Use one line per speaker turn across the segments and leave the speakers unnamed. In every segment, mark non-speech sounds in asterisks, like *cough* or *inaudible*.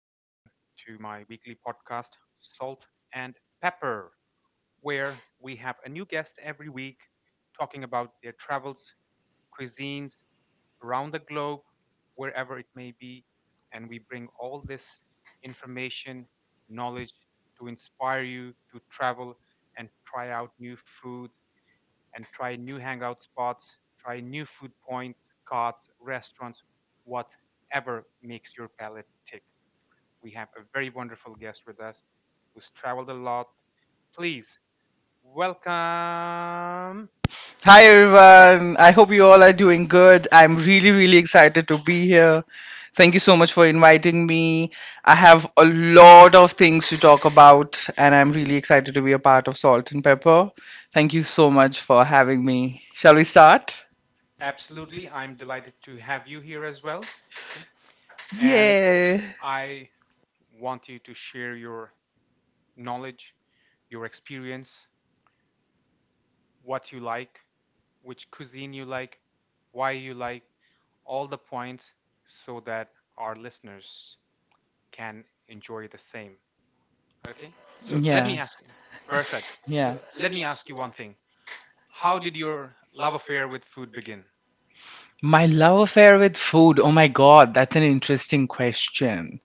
Salt and Pepper, where we have a new guest every week talking about their travels, cuisines around the globe, wherever it may be. And we bring all this information, knowledge to inspire you to travel and try out new foods and try new hangout spots, try new food points, carts, restaurants, whatever makes your palate tick. We have a very wonderful guest with us who's traveled a lot. Please welcome.
Hi everyone. I hope you all are doing good. I'm really excited to be here. Thank you so much for inviting me. I have a lot of things to talk about, and I'm really excited to be a part of Salt and Pepper. Thank you so much for having me. Shall we start?
Absolutely, I'm delighted to have you here as well. Okay. And
Yeah.
I want you to share your knowledge, your experience, what you like, which cuisine you like, why you like, all the points so that our listeners can enjoy the same. Okay? So let
Yeah.
me ask you. Perfect.
Yeah.
So let me ask you one thing. How did your love affair with food begin?
My love affair with food. Oh my god, that's an interesting question.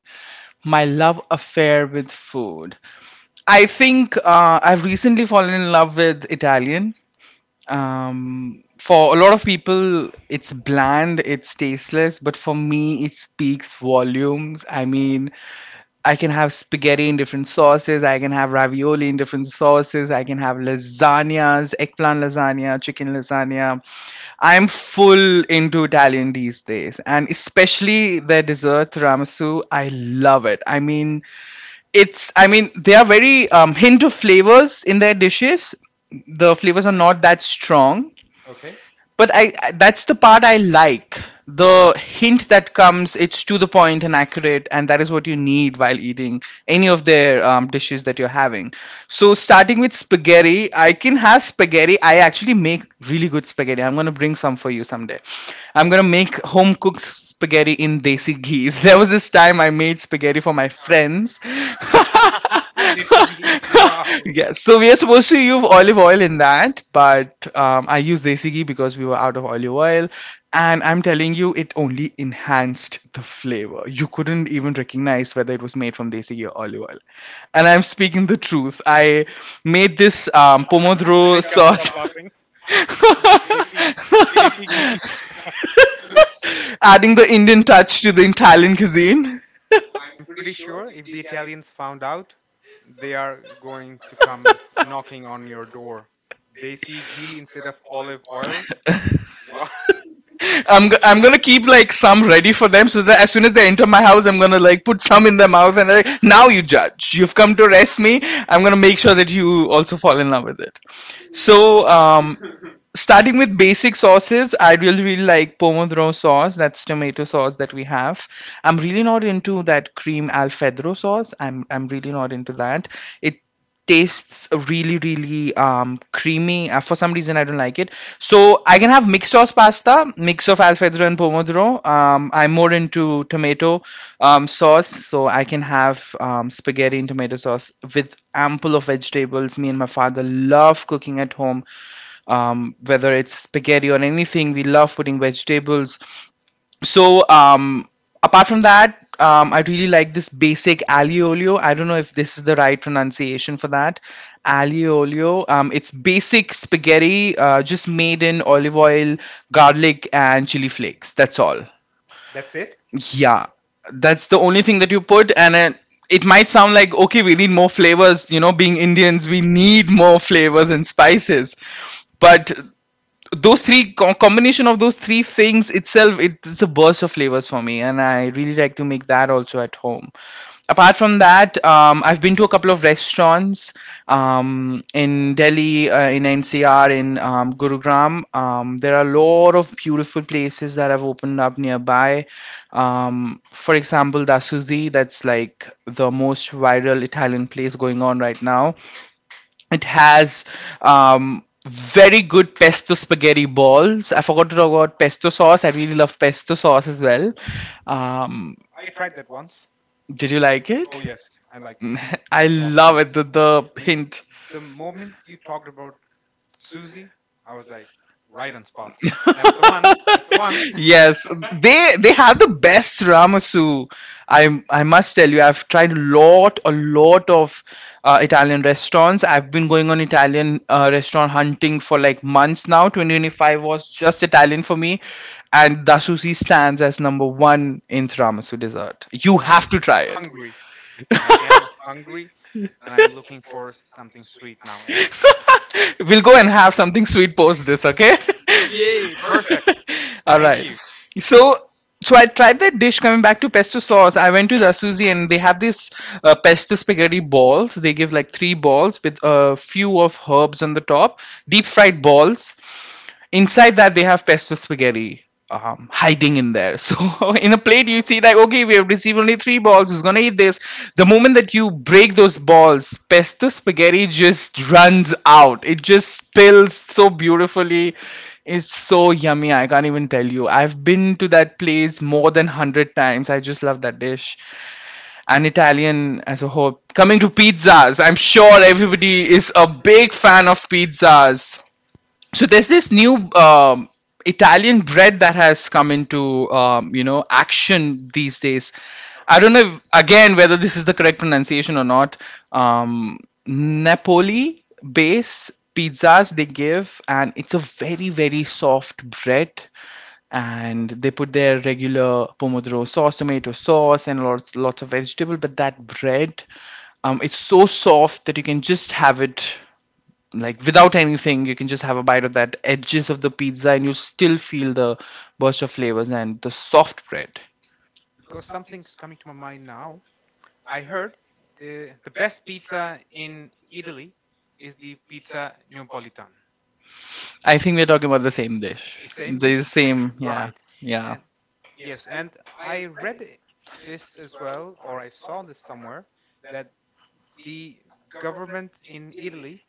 My love affair with food. I think I've recently fallen in love with Italian. For a lot of people it's bland, it's tasteless, but for me it speaks volumes. I mean, I can have spaghetti in different sauces, I can have ravioli in different sauces, I can have lasagnas, eggplant lasagna, chicken lasagna. I'm full into Italian these days, and especially their dessert tiramisu, I love it. I mean, it's, I mean, they are very hint of flavors in their dishes. The flavors are
Right?
not that strong,
Okay.
but I, that's the part I like. The hint that comes, it's to the point and accurate, and that is what you need while eating any of their dishes that you're having. So starting with spaghetti, I can have spaghetti. I actually make really good spaghetti. I'm going to bring some for you someday. I'm going to make home cooked spaghetti in desi ghee. *laughs* There was this time I made spaghetti for my friends.
*laughs* Desi ghee. Wow.
*laughs* Yeah, so we are supposed to use olive oil in that, but I used desi ghee because we were out of olive oil, and I'm telling you, it only enhanced the flavor. You couldn't even recognize whether it was made from desi ghee or olive oil. And I'm speaking the truth. I made this
I
pomodoro
can't stop
sauce.
laughing. Desi, desi ghee.
*laughs* Adding the Indian touch to the Italian cuisine.
Pretty sure if the Italians found out, they are going to come knocking on your door. They see ghee instead of olive oil. What?
I'm gonna keep like some ready for them so that as soon as they enter my house, I'm gonna like put some in their mouth and like now you judge. You've come to arrest me. I'm gonna make sure that you also fall in love with it. So um, Starting with basic sauces, I really like pomodoro sauce. That's tomato sauce that we have. I'm really not into that cream alfredo sauce. I'm really not into that. It tastes really creamy. For some reason, I don't like it. So I can have mixed sauce pasta, mix of alfredo and pomodoro. I'm more into tomato sauce, so I can have spaghetti and tomato sauce with ample of vegetables. Me and my father love cooking at home, whether it's spaghetti or anything. We love putting vegetables. So um, Apart from that, I really like this basic aglio olio. I don't know if this is the right pronunciation for that. Aglio olio. It's basic spaghetti, just made in olive oil, garlic, and chili flakes. That's all.
*laughs* That's it.
Yeah, that's the only thing that you put, and it might sound like okay, we need more flavors. You know, being Indians, we need more flavors and spices. But those three combination of those three things itself, it's a burst of flavors for me, and I really like to make that also at home. Apart from that, I've been to a couple of restaurants, in Delhi, in NCR, in Gurugram. There are a lot of beautiful places that have opened up nearby, for example Dasuzi. That's like the most viral Italian place going on right now. It has very good pesto spaghetti balls. I forgot to talk about pesto sauce. I really love pesto sauce as well. Um,
I tried that once.
did you like
Oh
it?
yes, I liked it.
*laughs* I
It's awesome.
love it. The
I mean,
hint.
the moment you talked about Susie, I was like, right on spot.
*laughs*
That's the one. That's the one.
*laughs* Yes, they have the best tiramisu. I must tell you, I've tried a lot of Italian restaurants. I've been going on Italian restaurant hunting for like months now. 2025 was just Italian for me, and Dasusi stands as number one in tiramisu dessert. You
I'm
have to try it.
hungry. I am hungry, and I'm looking for something sweet now. And
*laughs* We'll go and have something sweet post this, okay?
yay,
*laughs*
perfect.
All
Thank
right.
you.
So so I tried that dish. Coming back to pesto sauce, I went to Zasuzi and they have this pesto spaghetti balls. They give like three balls with a few of herbs on the top, deep fried balls. Inside that they have pesto spaghetti hiding in there. *laughs* So in a plate you see like okay we have received only three balls. Who's gonna eat this? The moment that you break those balls, pesto spaghetti just runs out. It just spills so beautifully, is so yummy. I can't even tell you. I've been to that place more than 100 times. I just love that dish. And Italian as a whole. Coming to pizzas, I'm sure everybody is a big fan of pizzas. So there's this new Italian bread that has come into you know action these days. I don't know if, again, whether this is the correct pronunciation or not. Um, Napoli based pizzas they give, and it's a very soft bread. And they put their regular pomodoro sauce, tomato sauce, and lots of vegetable. But that bread, it's so soft that you can just have it, like without anything you can just have a bite of that edges of the pizza and you still feel the burst of flavors and the soft bread.
Because something's coming to my mind now. I heard the best pizza in Italy is the pizza Neapolitan.
I think we're talking about the same dish,
It's same
the
dish,
same, yeah.
right?
Yeah.
And yes, and I read this as well, or I saw this somewhere that the government in Italy,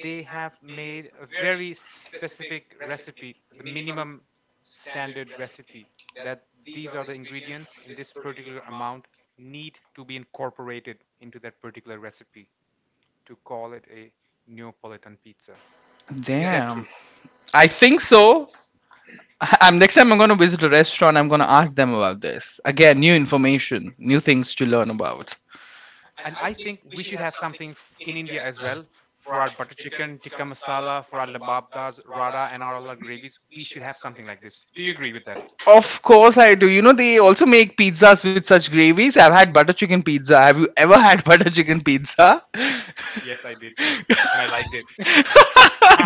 they have made a very specific recipe, the minimum standard recipe, that these are the ingredients in this particular amount need to be incorporated into that particular recipe to call it a Neapolitan pizza. Is that
Damn.
true?
I think so. *laughs* I'm, next time I'm gonna visit a restaurant, I'm gonna ask them about this again. New information, new things to learn about.
And I think we should have something in India as well for our butter chicken, tikka masala, for our lababdas, rada, and all our gravies. We should have something like this. Do you agree with that?
Of course I do. You know they also make pizzas with such gravies. I've had butter chicken pizza. Have you ever had *laughs* butter chicken pizza? *laughs*
Yes, I did, and I liked it.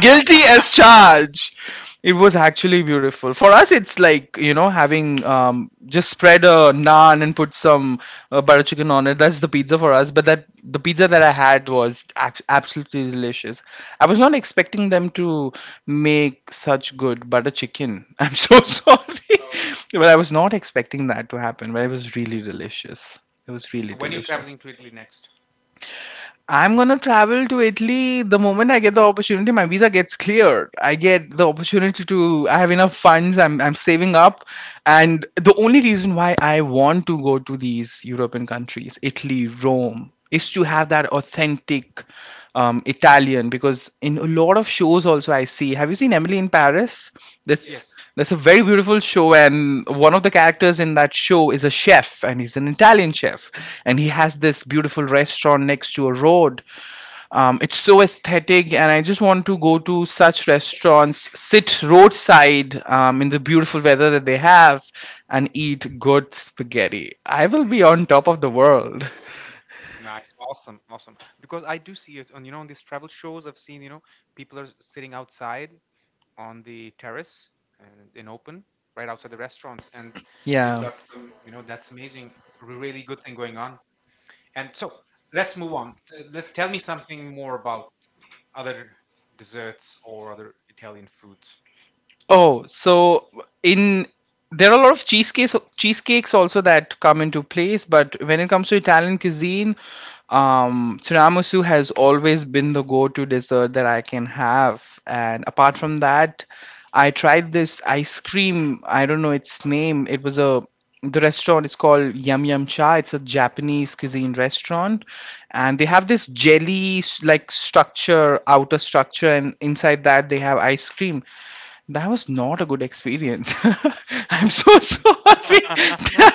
Guilty as charged. It was actually beautiful. For us, it's like you know having just spread a naan and put some butter chicken on it. That's the pizza for us. But that the pizza that I had was absolutely delicious. I was not expecting them to make such good butter chicken. *laughs* I'm so sorry, *laughs* but I was not expecting that to happen. But it was really delicious. It was really
So when you're
delicious.
traveling to Italy next,
I'm gonna travel to Italy the moment I get the opportunity. My visa gets cleared. I get the opportunity to. I have enough funds. I'm saving up, and the only reason why I want to go to these European countries, Italy, Rome, is to have that authentic Italian. Because in a lot of shows also I see. Have you seen Emily in Paris? This Yes.
yes,
That's a very beautiful show, and one of the characters in that show is a chef, and he's an Italian chef, and he has this beautiful restaurant next to a road. It's so aesthetic, and I just want to go to such restaurants, sit roadside in the beautiful weather that they have, and eat good spaghetti. I will be on top of the world. *laughs*
nice, awesome, awesome. Because I do see it on on these travel shows. I've seen people are sitting outside on the terrace and in open right outside the restaurants and yeah. They've
Yeah.
got some that's amazing, really good thing going on. And so let's move on, tell me something more about other desserts or other Italian foods.
Oh, so in there are a lot of cheesecakes also that come into place, but when it comes to Italian cuisine, tiramisu has always been the go-to dessert that I can have. And apart from that, I tried this ice cream. I don't know its name. It was a, the restaurant is called Yum Yum Cha. It's a Japanese cuisine restaurant, and they have this jelly like structure, outer structure, and inside that they have ice cream. That was not a good experience. *laughs* I'm so sorry. *laughs*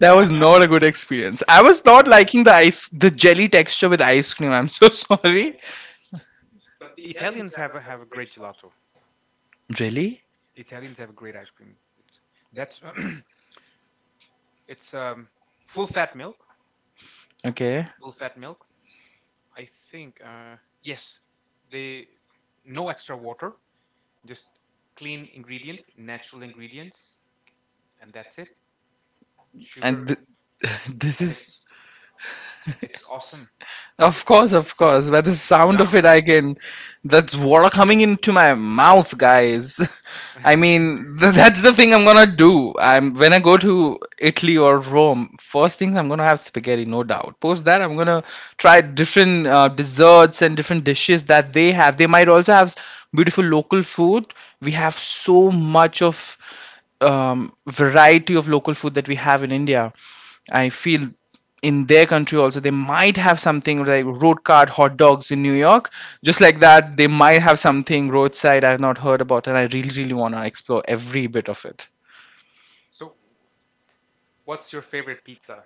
That was not a good experience. I was
All
not
right,
liking the jelly texture with ice cream. I'm so *laughs* sorry.
Italians have a great gelato.
Jelly?
Italians have a great ice cream. It's- that's *clears throat* It's full fat milk
Okay.
full fat milk. I think, yes, they no extra water. Just clean ingredients, natural ingredients, and that's it. Sugar,
And *laughs* this
and
is.
it's awesome.
Of course,
It's
of course. By
it's,
the
it's
sound of
yum.
it, I can. That's water coming into my mouth, guys. *laughs*
Yeah.
I mean, that's the thing I'm gonna do. I'm when I go to Italy or Rome, first things I'm gonna have spaghetti, no doubt. Post that I'm gonna try different desserts and different dishes that they have. They might also have beautiful local food. We have so much of variety of local food that we have in India. I feel in their country also they might have something like road cart hot dogs in New York. Just like that, they might have something roadside I've not heard about, and I really, really want to explore every bit of it.
*laughs* So, what's your favorite pizza?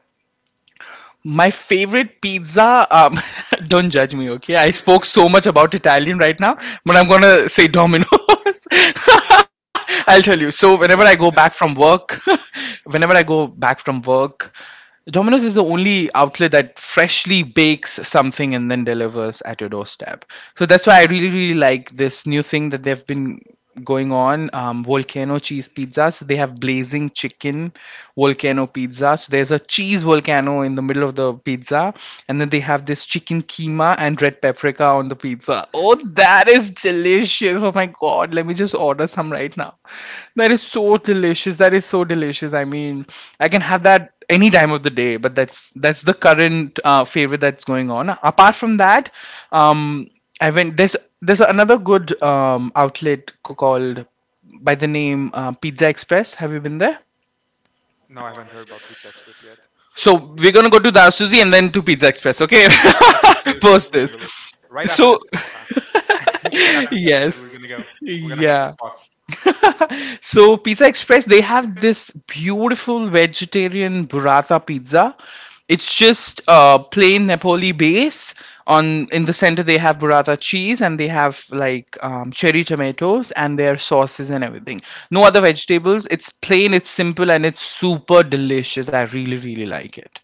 My favorite pizza. *laughs* Don't judge me, okay? I spoke so much about Italian right now, but I'm gonna say Domino's. *laughs* I'll tell you. So whenever I go
That
back from work, *laughs* whenever I go back from work, Domino's is the only outlet that freshly bakes something and then delivers at your doorstep. So that's why I really, really like this new thing that they've been going on, volcano cheese pizzas. They have blazing chicken volcano pizza. So there's a cheese volcano in the middle of the pizza, and then they have this chicken keema and red paprika on the pizza. Oh, that is delicious. Oh my god, let me just order some right now. That is so delicious. That is so delicious. I mean, I can have that any time of the day, but that's the current favorite that's going on. Apart from that, um I went, there's another good outlet called by the name Pizza Express. Have you been there?
No, I haven't heard about Pizza Express yet.
So we're gonna go to Dasuzi and then to Pizza Express, okay? *laughs*
Absolutely,
Post
we
this.
will. Right after
So,
this podcast,
*laughs*
*laughs* right after this
yes,
episode, we're gonna go. We're gonna hit this
yeah.
spot.
*laughs* So, Pizza Express, they have this beautiful vegetarian burrata pizza. It's just plain Napoli base. On in the center, they have burrata cheese and they have like, cherry tomatoes and their sauces and everything. No other vegetables. It's plain, it's simple, and it's super delicious. I really, really like it.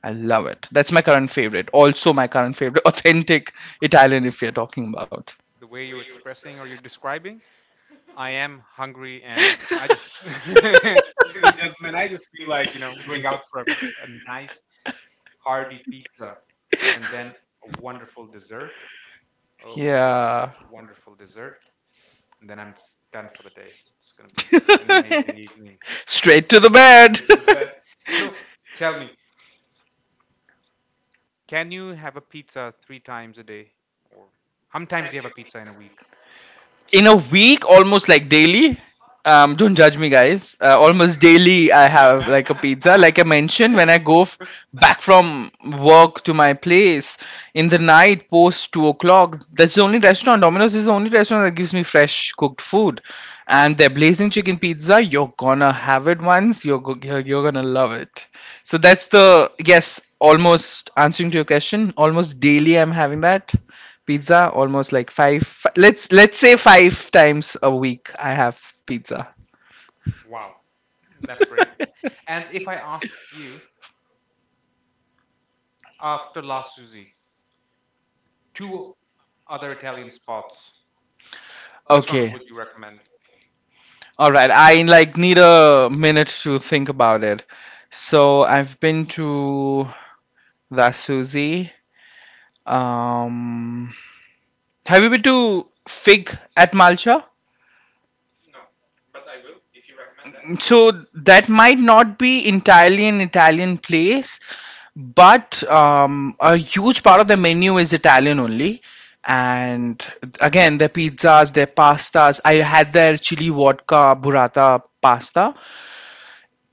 I love it. That's my current favorite. Also, my current favorite *laughs* authentic Italian, if we are talking about.
The way you're expressing or you're describing, I am hungry, and I just, *laughs* gentlemen, I just feel like going out for a nice hearty pizza, and then a wonderful dessert. Oh my god,
Yeah.
a wonderful dessert, and then I'm just done for the day. It's gonna be an amazing evening.
*laughs*
Straight
Straight
to
to the bed.
the bed. So tell me,
*laughs*
can you have a pizza three times a day, or how many times do you have a pizza in a week?
In a week, almost like daily. Don't judge me, guys. Almost daily I have like a pizza.
Ah,
Like I mentioned, when I go back from work to my place in the night post 2 o'clock, that's the only restaurant. Domino's is the only restaurant that gives me fresh cooked food. And their blazing chicken pizza, you're gonna have it once you're gonna love it. So that's the, yes, almost answering to your question, almost daily I'm having that pizza, almost like five. Let's say five times a week I have pizza.
wow, that's great. And
*laughs*
if I ask you, after last Tuesday, two other Italian spots, which ones
Okay.
would you recommend?
All right, I like need a minute to think about it. So I've been to the Suzy. Um, have you been to Fig at Malcha? That. So that might not be entirely an Italian place, but a huge part of the menu is Italian only. And again, their pizzas, their pastas. I had their chili vodka burrata pasta,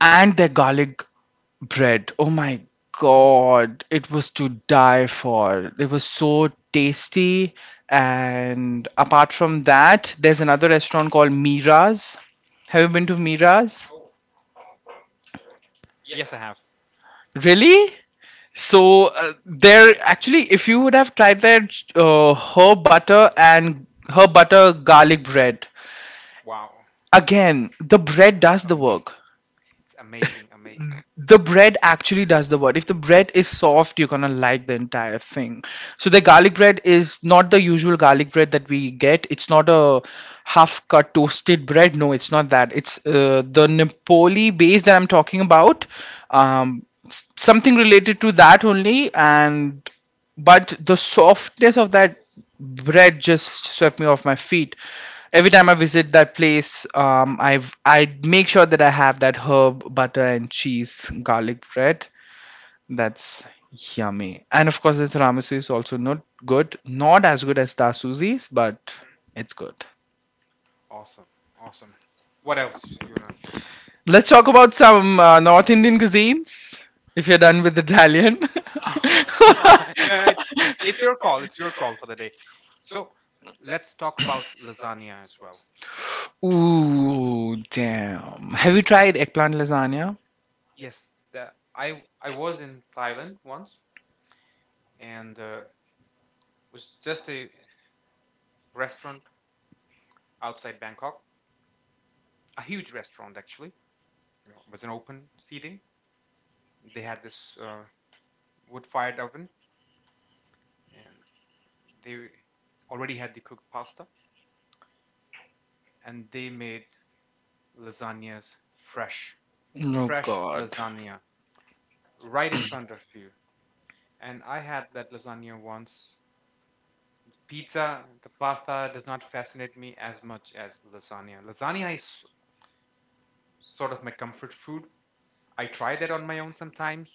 and their garlic bread. Oh my god, it was to die for. It was so tasty. And apart from that, there's another restaurant called Mira's. Have you been to Mira's?
Yes, I have.
Really? So there actually, if you would have tried their herb butter and herb butter garlic bread,
Wow.
again, the bread does the
Amazing.
work.
Amazing. Amazing.
The bread actually does the word. If the bread is soft, you're gonna like the entire thing. So the garlic bread is not the usual garlic bread that we get. It's not a half cut toasted bread. No, it's not that. It's the Nepali base that I'm talking about. Something related to that only, and but the softness of that bread just swept me off my feet. Every time I visit that place, I make sure that I have that herb butter and cheese garlic bread. That's yummy. And of course the tiramisu is also not good, not as good as Dasuzi's, but it's good.
Awesome. Awesome. What else you know?
Let's talk about some North Indian cuisines, if you're done with Italian.
*laughs* No, no, it's your call. It's your call for the day.
*laughs*
So let's talk about lasagna as well.
Ooh, damn. Have you tried eggplant lasagna?
Yes, I I was in Thailand once and was just a restaurant outside Bangkok, a huge restaurant actually. It was an open seating. They had this wood fired oven, and they already had the cooked pasta and they made lasagnas fresh,
Oh
fresh
god.
lasagna right in front of you. And I had that lasagna once. Pizza, the pasta does not fascinate me as much as lasagna. Lasagna is sort of my comfort food. I try that on my own sometimes,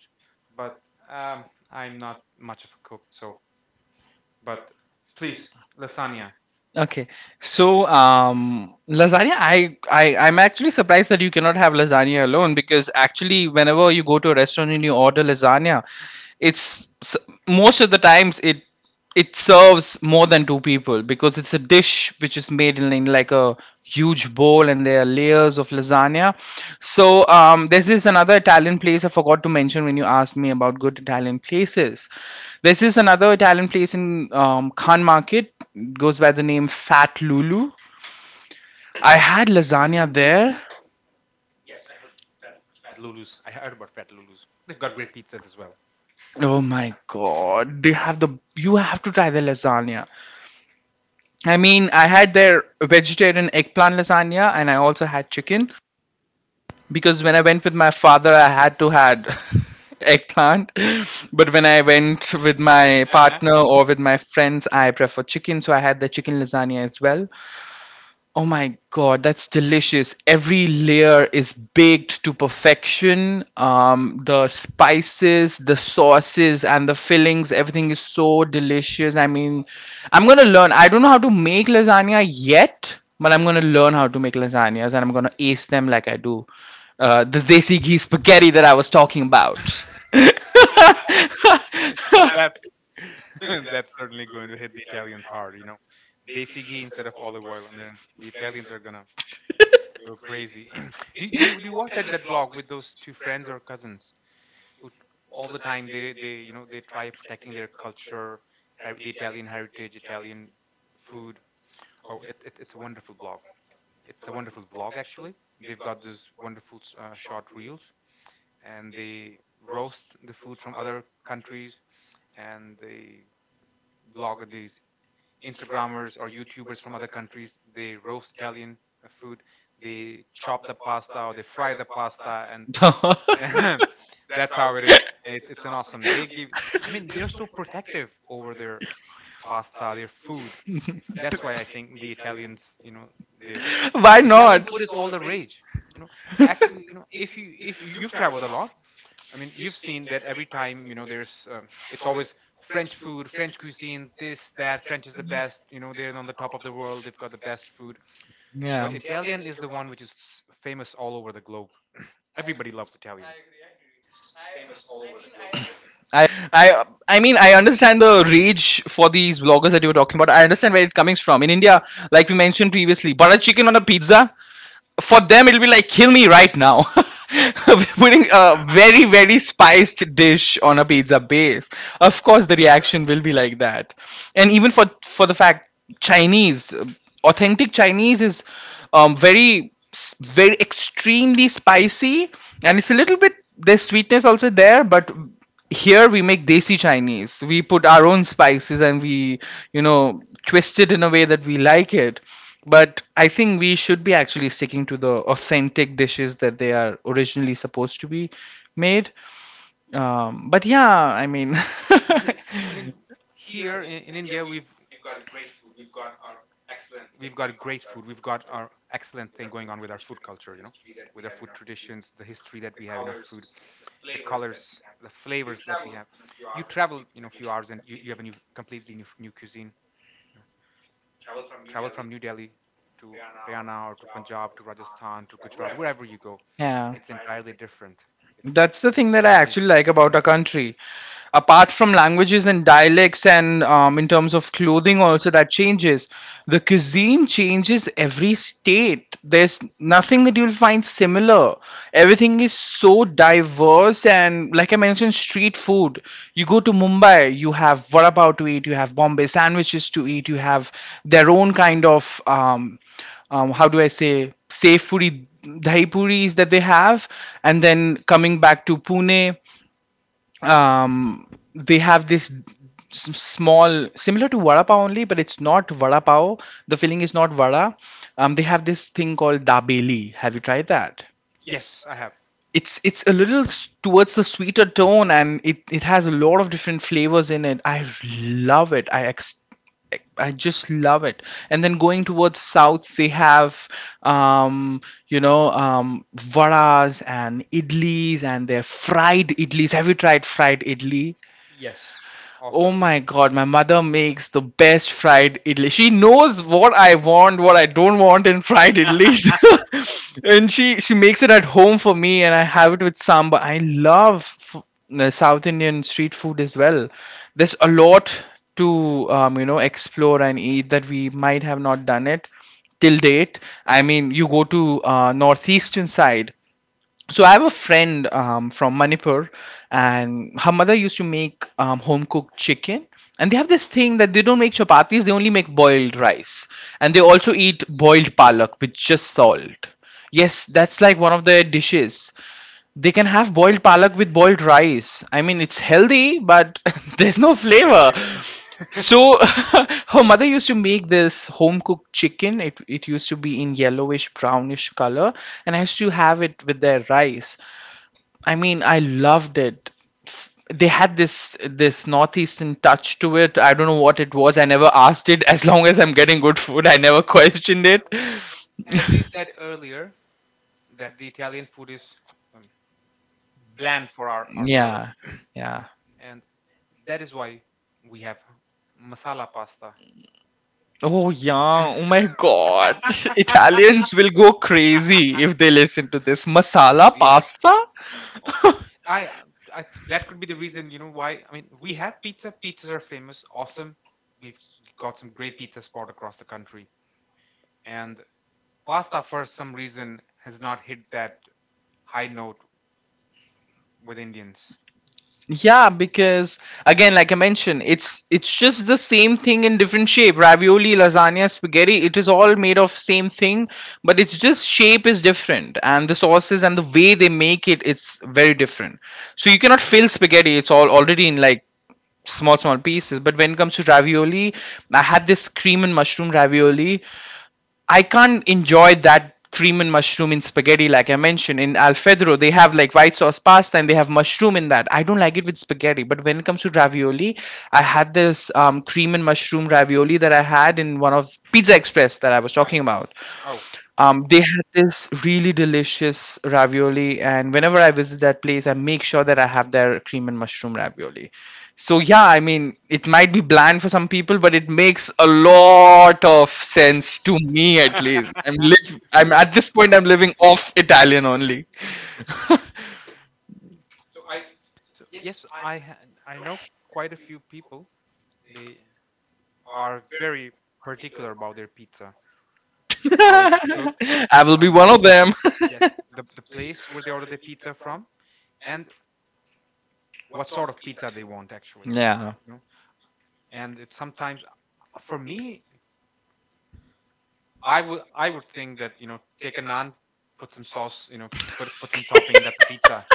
but um, I'm not much of a cook. So, but please, lasagna,
Okay, so lasagna. I'm actually surprised that you cannot have lasagna alone, because actually, whenever you go to a restaurant and you order lasagna, it's s- most of the times it serves more than two people, because it's a dish which is made in like a huge bowl and there are layers of lasagna. So there's this another Italian place I forgot to mention when you asked me about good Italian places. This is another Italian place in, Khan Market, goes by the name Fat Lulu. I had lasagna there.
Lulu's. I heard about that Lulu's. They've got great pizzas as well.
Oh my god, they have the, you have to try the lasagna. I mean, I had their vegetarian eggplant lasagna and I also had chicken, because when I went with my father, I had to had *laughs* eggplant. But when I went with my
Yeah,
partner or with my friends, I prefer chicken, so I had the chicken lasagna as well. Oh my God, that's delicious. Every layer is baked to perfection. The spices, the sauces, and the fillings, everything is so delicious. I mean, I'm gonna learn. I don't know how to make lasagna yet, but I'm gonna learn how to make lasagnas and I'm gonna ace them like I do. The desi ghee spaghetti that I was talking about. *laughs* *laughs*
that *laughs* that's certainly going to hit the Italians hard. Desi ghee instead of olive oil, and then the Italians are gonna go crazy. *clears throat* Do you watch that blog with those two friends or cousins, who all the time they, they try protecting their culture, the Italian heritage, Italian food. Oh, it's a wonderful blog. It's a wonderful vlog actually. They've got those wonderful short reels, and they roast the food from other countries, and they blog these Instagrammers or YouTubers from other countries. They roast Italian food. They chop the pasta or they fry the pasta, and *laughs* that's how it is. It's an awesome. They give. I mean, they're so protective over their pasta, their food. That's why I think the Italians, they have
Why
Italian
not?
food is all the rage. You know, actually, if you- you've traveled a lot. I mean, you've seen that every time, there's, it's always French food, French cuisine, this, that, French is the best, they're on the top of the world, they've got the best food.
Yeah.
But Italian is the one which is famous all over the globe.
I
Everybody loves Italian.
I I mean, I understand the rage for these vloggers that you were talking about. I understand where it coming from. In India, like we mentioned previously, butter chicken on a pizza, for them it'll be like, kill me right now. *laughs* We're putting a very very spiced dish on a pizza base. Of course the reaction will be like that. And even for the fact, Chinese authentic Chinese is, very extremely spicy, and it's a little bit, there's sweetness also there, but here we make desi Chinese, we put our own spices and we, you know, twist it in a way that we like it. But I think we should be actually sticking to the authentic dishes that they are originally supposed to be made. But yeah, I mean.
I mean, here in India, we've got a great food. We've got our excellent thing going on with our food culture, with our food traditions, the history that we have in our food. The colors, the flavors that we have. You travel, a few hours and you have a new, completely new cuisine. You know, travel from New Delhi to Haryana or to Punjab to Rajasthan to Gujarat, wherever you go,
*laughs*
it's
Yeah.
entirely different. It's
That's the thing that I
amazing.
actually like about our country. Apart from languages and dialects, and in terms of clothing, also that changes. The cuisine changes every state. There's nothing that you'll find similar. Everything is so diverse, and like I mentioned, street food. You go to Mumbai, you have vada pav to eat, you have Bombay sandwiches to eat, you have their own kind of. How do I say, safe puri, dahi puris that they have, and then coming back to Pune, um, they have this small similar to vada pav only, but it's not vada pav. The filling is not vada. They have this thing called dabeli. Have you tried that?
Yes, I have.
It's a little towards the sweeter tone, and it has a lot of different flavors in it. Love it i ex- I just love it. And then going towards south, they have, um, you know, vadas and idlis, and their fried idlis. Have you tried fried idli?
Yes,
Oh
awesome.
my god, my mother makes the best fried idli. She knows what I want, what I don't want in fried idlis. *laughs* And she makes it at home for me and I have it with sambar. South Indian street food as well. There's a lot to, you know, explore and eat that we might have not done it till date. I mean, you go to northeastern side. So I have a friend, from Manipur, and her mother used to make, home cooked chicken. And they have this thing that they don't make chapatis, they only make boiled rice. And they also eat boiled palak with just salt. Yes, that's like one of their dishes. They can have boiled palak with boiled rice. I mean, it's healthy, but *laughs* there's no
The
flavor.
flavor.
So *laughs* her mother used to make this home cooked chicken. It used to be in yellowish brownish color, and I used to have it with their rice. I mean, I loved it. They had this northeastern touch to it. I don't know what it was. I never asked it. As long as I'm getting good food, I never questioned it.
*laughs* As you
*laughs*
said earlier, that the Italian food is um, bland for our palate,
Yeah, yeah.
and that is why we have masala pasta.
Oh yeah, oh
*laughs*
my god. *laughs* Italians will go crazy if they listen to this. Masala
we have
pasta? *laughs*
Okay. I, I that could be the reason, why. I mean, we have pizza. Pizzas are famous, awesome. We've got some great pizza spot across the country. And pasta, for some reason, has not hit that high note with Indians.
Yeah, because again, like I mentioned, it's just the same thing in different shape. Ravioli, lasagna, spaghetti, it is all made of same thing, but it's just shape is different and the sauces and the way they make it, it's very different. So you cannot fill spaghetti, it's all already in like small small pieces. But when it comes to ravioli, I had this cream and mushroom ravioli. I can't enjoy that cream and mushroom in spaghetti like I mentioned. In Alfredo, they have like white sauce pasta and they have mushroom in that. I don't like it with spaghetti. But when it comes to ravioli, I had this cream and mushroom ravioli that I had in one of Pizza Express that I was talking about.
Oh,
They had this really delicious ravioli, and whenever I visit that place, I make sure that I have their cream and mushroom ravioli. So yeah, I mean, it might be bland for some people, but it makes a lot of sense to me. At
*laughs*
least I'm live I'm at this point, I'm living off Italian only. *laughs*
so yes, I know quite a few people. They are very particular about their pizza, how it's cooked.
I will be
Um,
one of them. *laughs*
yes, the place where they order the pizza from, and what sort of pizza they want actually.
Yeah.
And it sometimes, for me, I would think that take a naan, put some sauce, put some topping, and that's a pizza.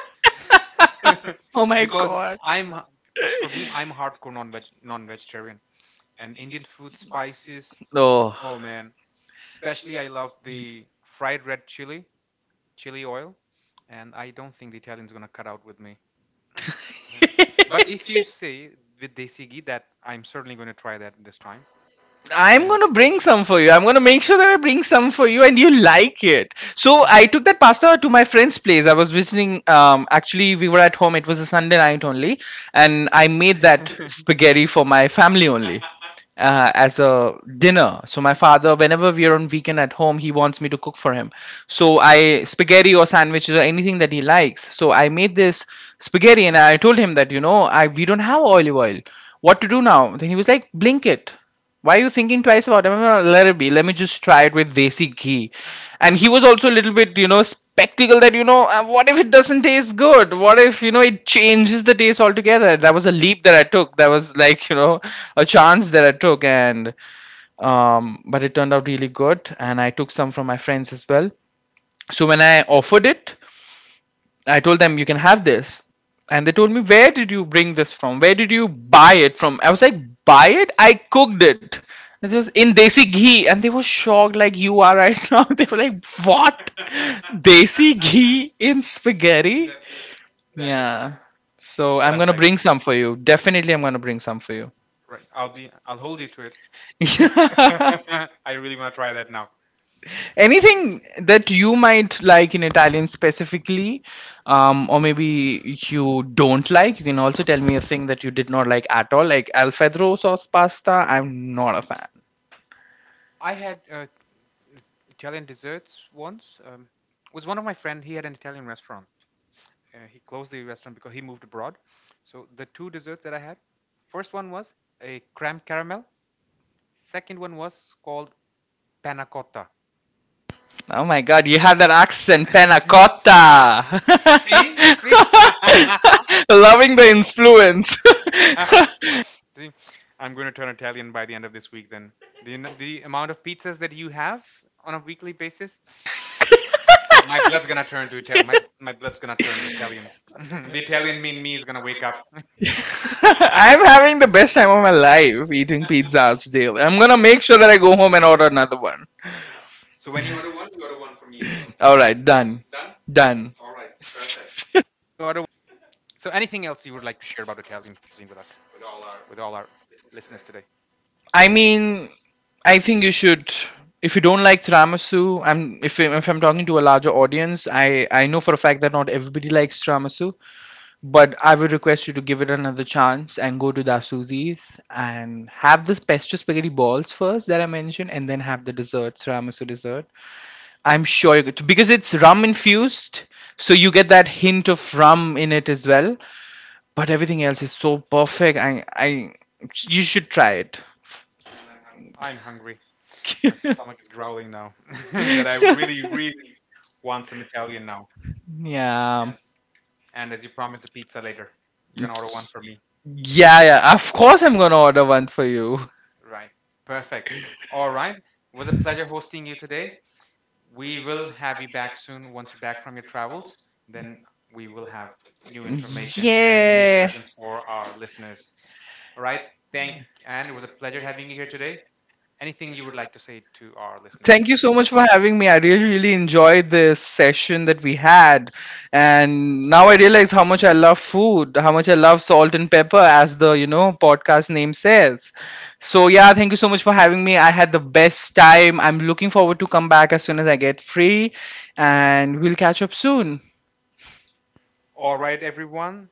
Oh
*laughs*
my
because
god.
i'm because for me I'm hardcore non-vegetarian, and Indian food spices,
No.
oh man, especially I love the fried red chili, chili oil, and I don't think the Italian's gonna cut out with me. *laughs* But if you
*laughs*
say the desi ghee, that I'm certainly gonna try that this time.
I'm
And
gonna bring some for you. I'm gonna make sure that I bring some for you, and you like it. So
Mhm.
I took that pasta to my friend's place. I was visiting. Actually, we were at home. It was a Sunday night only, and I made that spaghetti for my family only. As a dinner. So my father, whenever we are on weekend at home, he wants me to cook for him. So I spaghetti or sandwiches or anything that he likes. So I made this spaghetti, and I told him that, you know, I we don't have olive oil. What to do now? Then he was like, blink it, why are you thinking twice about it? Let it be. Let me just try it with desi ghee. And he was also a little bit, you know, spectacle that, you know, what if it doesn't taste good? What if, you know, it changes the taste altogether? That was a leap that I took. That was like, you know, a chance that I took. And, but it turned out really good. And I took some from my friends as well. So when I offered it, I told them you can have this. And they told me, "Where did you bring this from? Where did you buy it from?" I was like, "Buy it? I cooked it. This was in desi ghee." And they were shocked like you are right now. *laughs* They were like, "What?" *laughs* Desi ghee in spaghetti? That's, yeah. So I'm gonna
Perfect.
bring some for you. Definitely I'm gonna bring some for you.
Right. I'll be. I'll hold you to it.
*laughs* *laughs* I really.
*laughs* I really want to try that now.
Anything that you might like in Italian specifically, or maybe you don't like, you can also tell me a thing that you did not like at all. Like Alfredo sauce pasta, I'm not a fan.
I had Italian desserts once. It was one of my friend. He had an Italian restaurant. He closed the restaurant because he moved abroad. So the two desserts that I had, first one was a creme caramel. Second one was called panna cotta.
Oh my god, you have that accent,
*laughs*
penna cotta.
See, see. *laughs*
*laughs* Loving the influence.
See, I'm going to turn Italian by the end of this week. Then the amount of pizzas that you have on a weekly basis, my blood's gonna turn to Italian. My blood's gonna turn to Italian. *laughs* The Italian in me is gonna wake up.
*laughs* I'm having the best time of my life eating pizzas daily. I'm gonna make sure that I go home and order another one.
*laughs* So when you order one for me as well.
All right, done,
Done.
done.
All right. Perfect. So anything else you would like to share about Italian cuisine with us, with all our listeners today?
I mean, I think you should. If you don't like tiramisu, if I'm talking to a larger audience, I know for a fact that not everybody likes tiramisu, but I would request you to give it another chance and go to Dasuzi's and have the pesto spaghetti balls first that I mentioned, and then have the dessert, tiramisu dessert. I'm sure you could because it's rum infused, so you get that hint of rum in it as well. But everything else is so perfect. I you should try it.
I'm hungry. My stomach is
*laughs*
growling now. *laughs* That I really really want some Italian now.
Yeah.
And as you promised, the pizza later. You're
Yeah,
gonna order one for me.
yeah. Of course, I'm gonna order one for you.
Right. Perfect. All right. It was a pleasure hosting you today. We will have you back soon once you're back from your travels. Then we will have new information and new
Yeah.
expressions for our listeners. All right. Thank and it was a pleasure having you here today. Anything you would like to say to our
Thank
listeners?
you so much for having me. I really, really enjoyed this session that we had. And now I realize how much I love food, how much I love Salt and Pepper, as the, you know, podcast name says. So yeah, thank you so much for having me. I had the best time. I'm looking forward to come back as soon as I get free, and we'll catch up soon.
All right, everyone.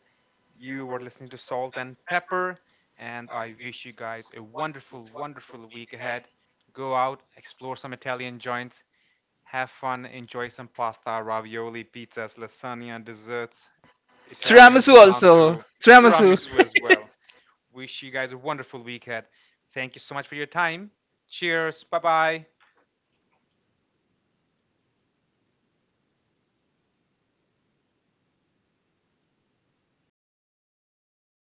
You were listening to Salt and Pepper, and I wish you guys a wonderful, wonderful week ahead. Go out, explore some Italian joints, have fun, enjoy some pasta, ravioli, pizzas, lasagna, desserts, Italian
Tiramisu also.
gelato,
Tiramisu.
tiramisu as well.
*laughs*
Wish you guys a wonderful weekend. Thank you so much for your time. Cheers. Bye bye.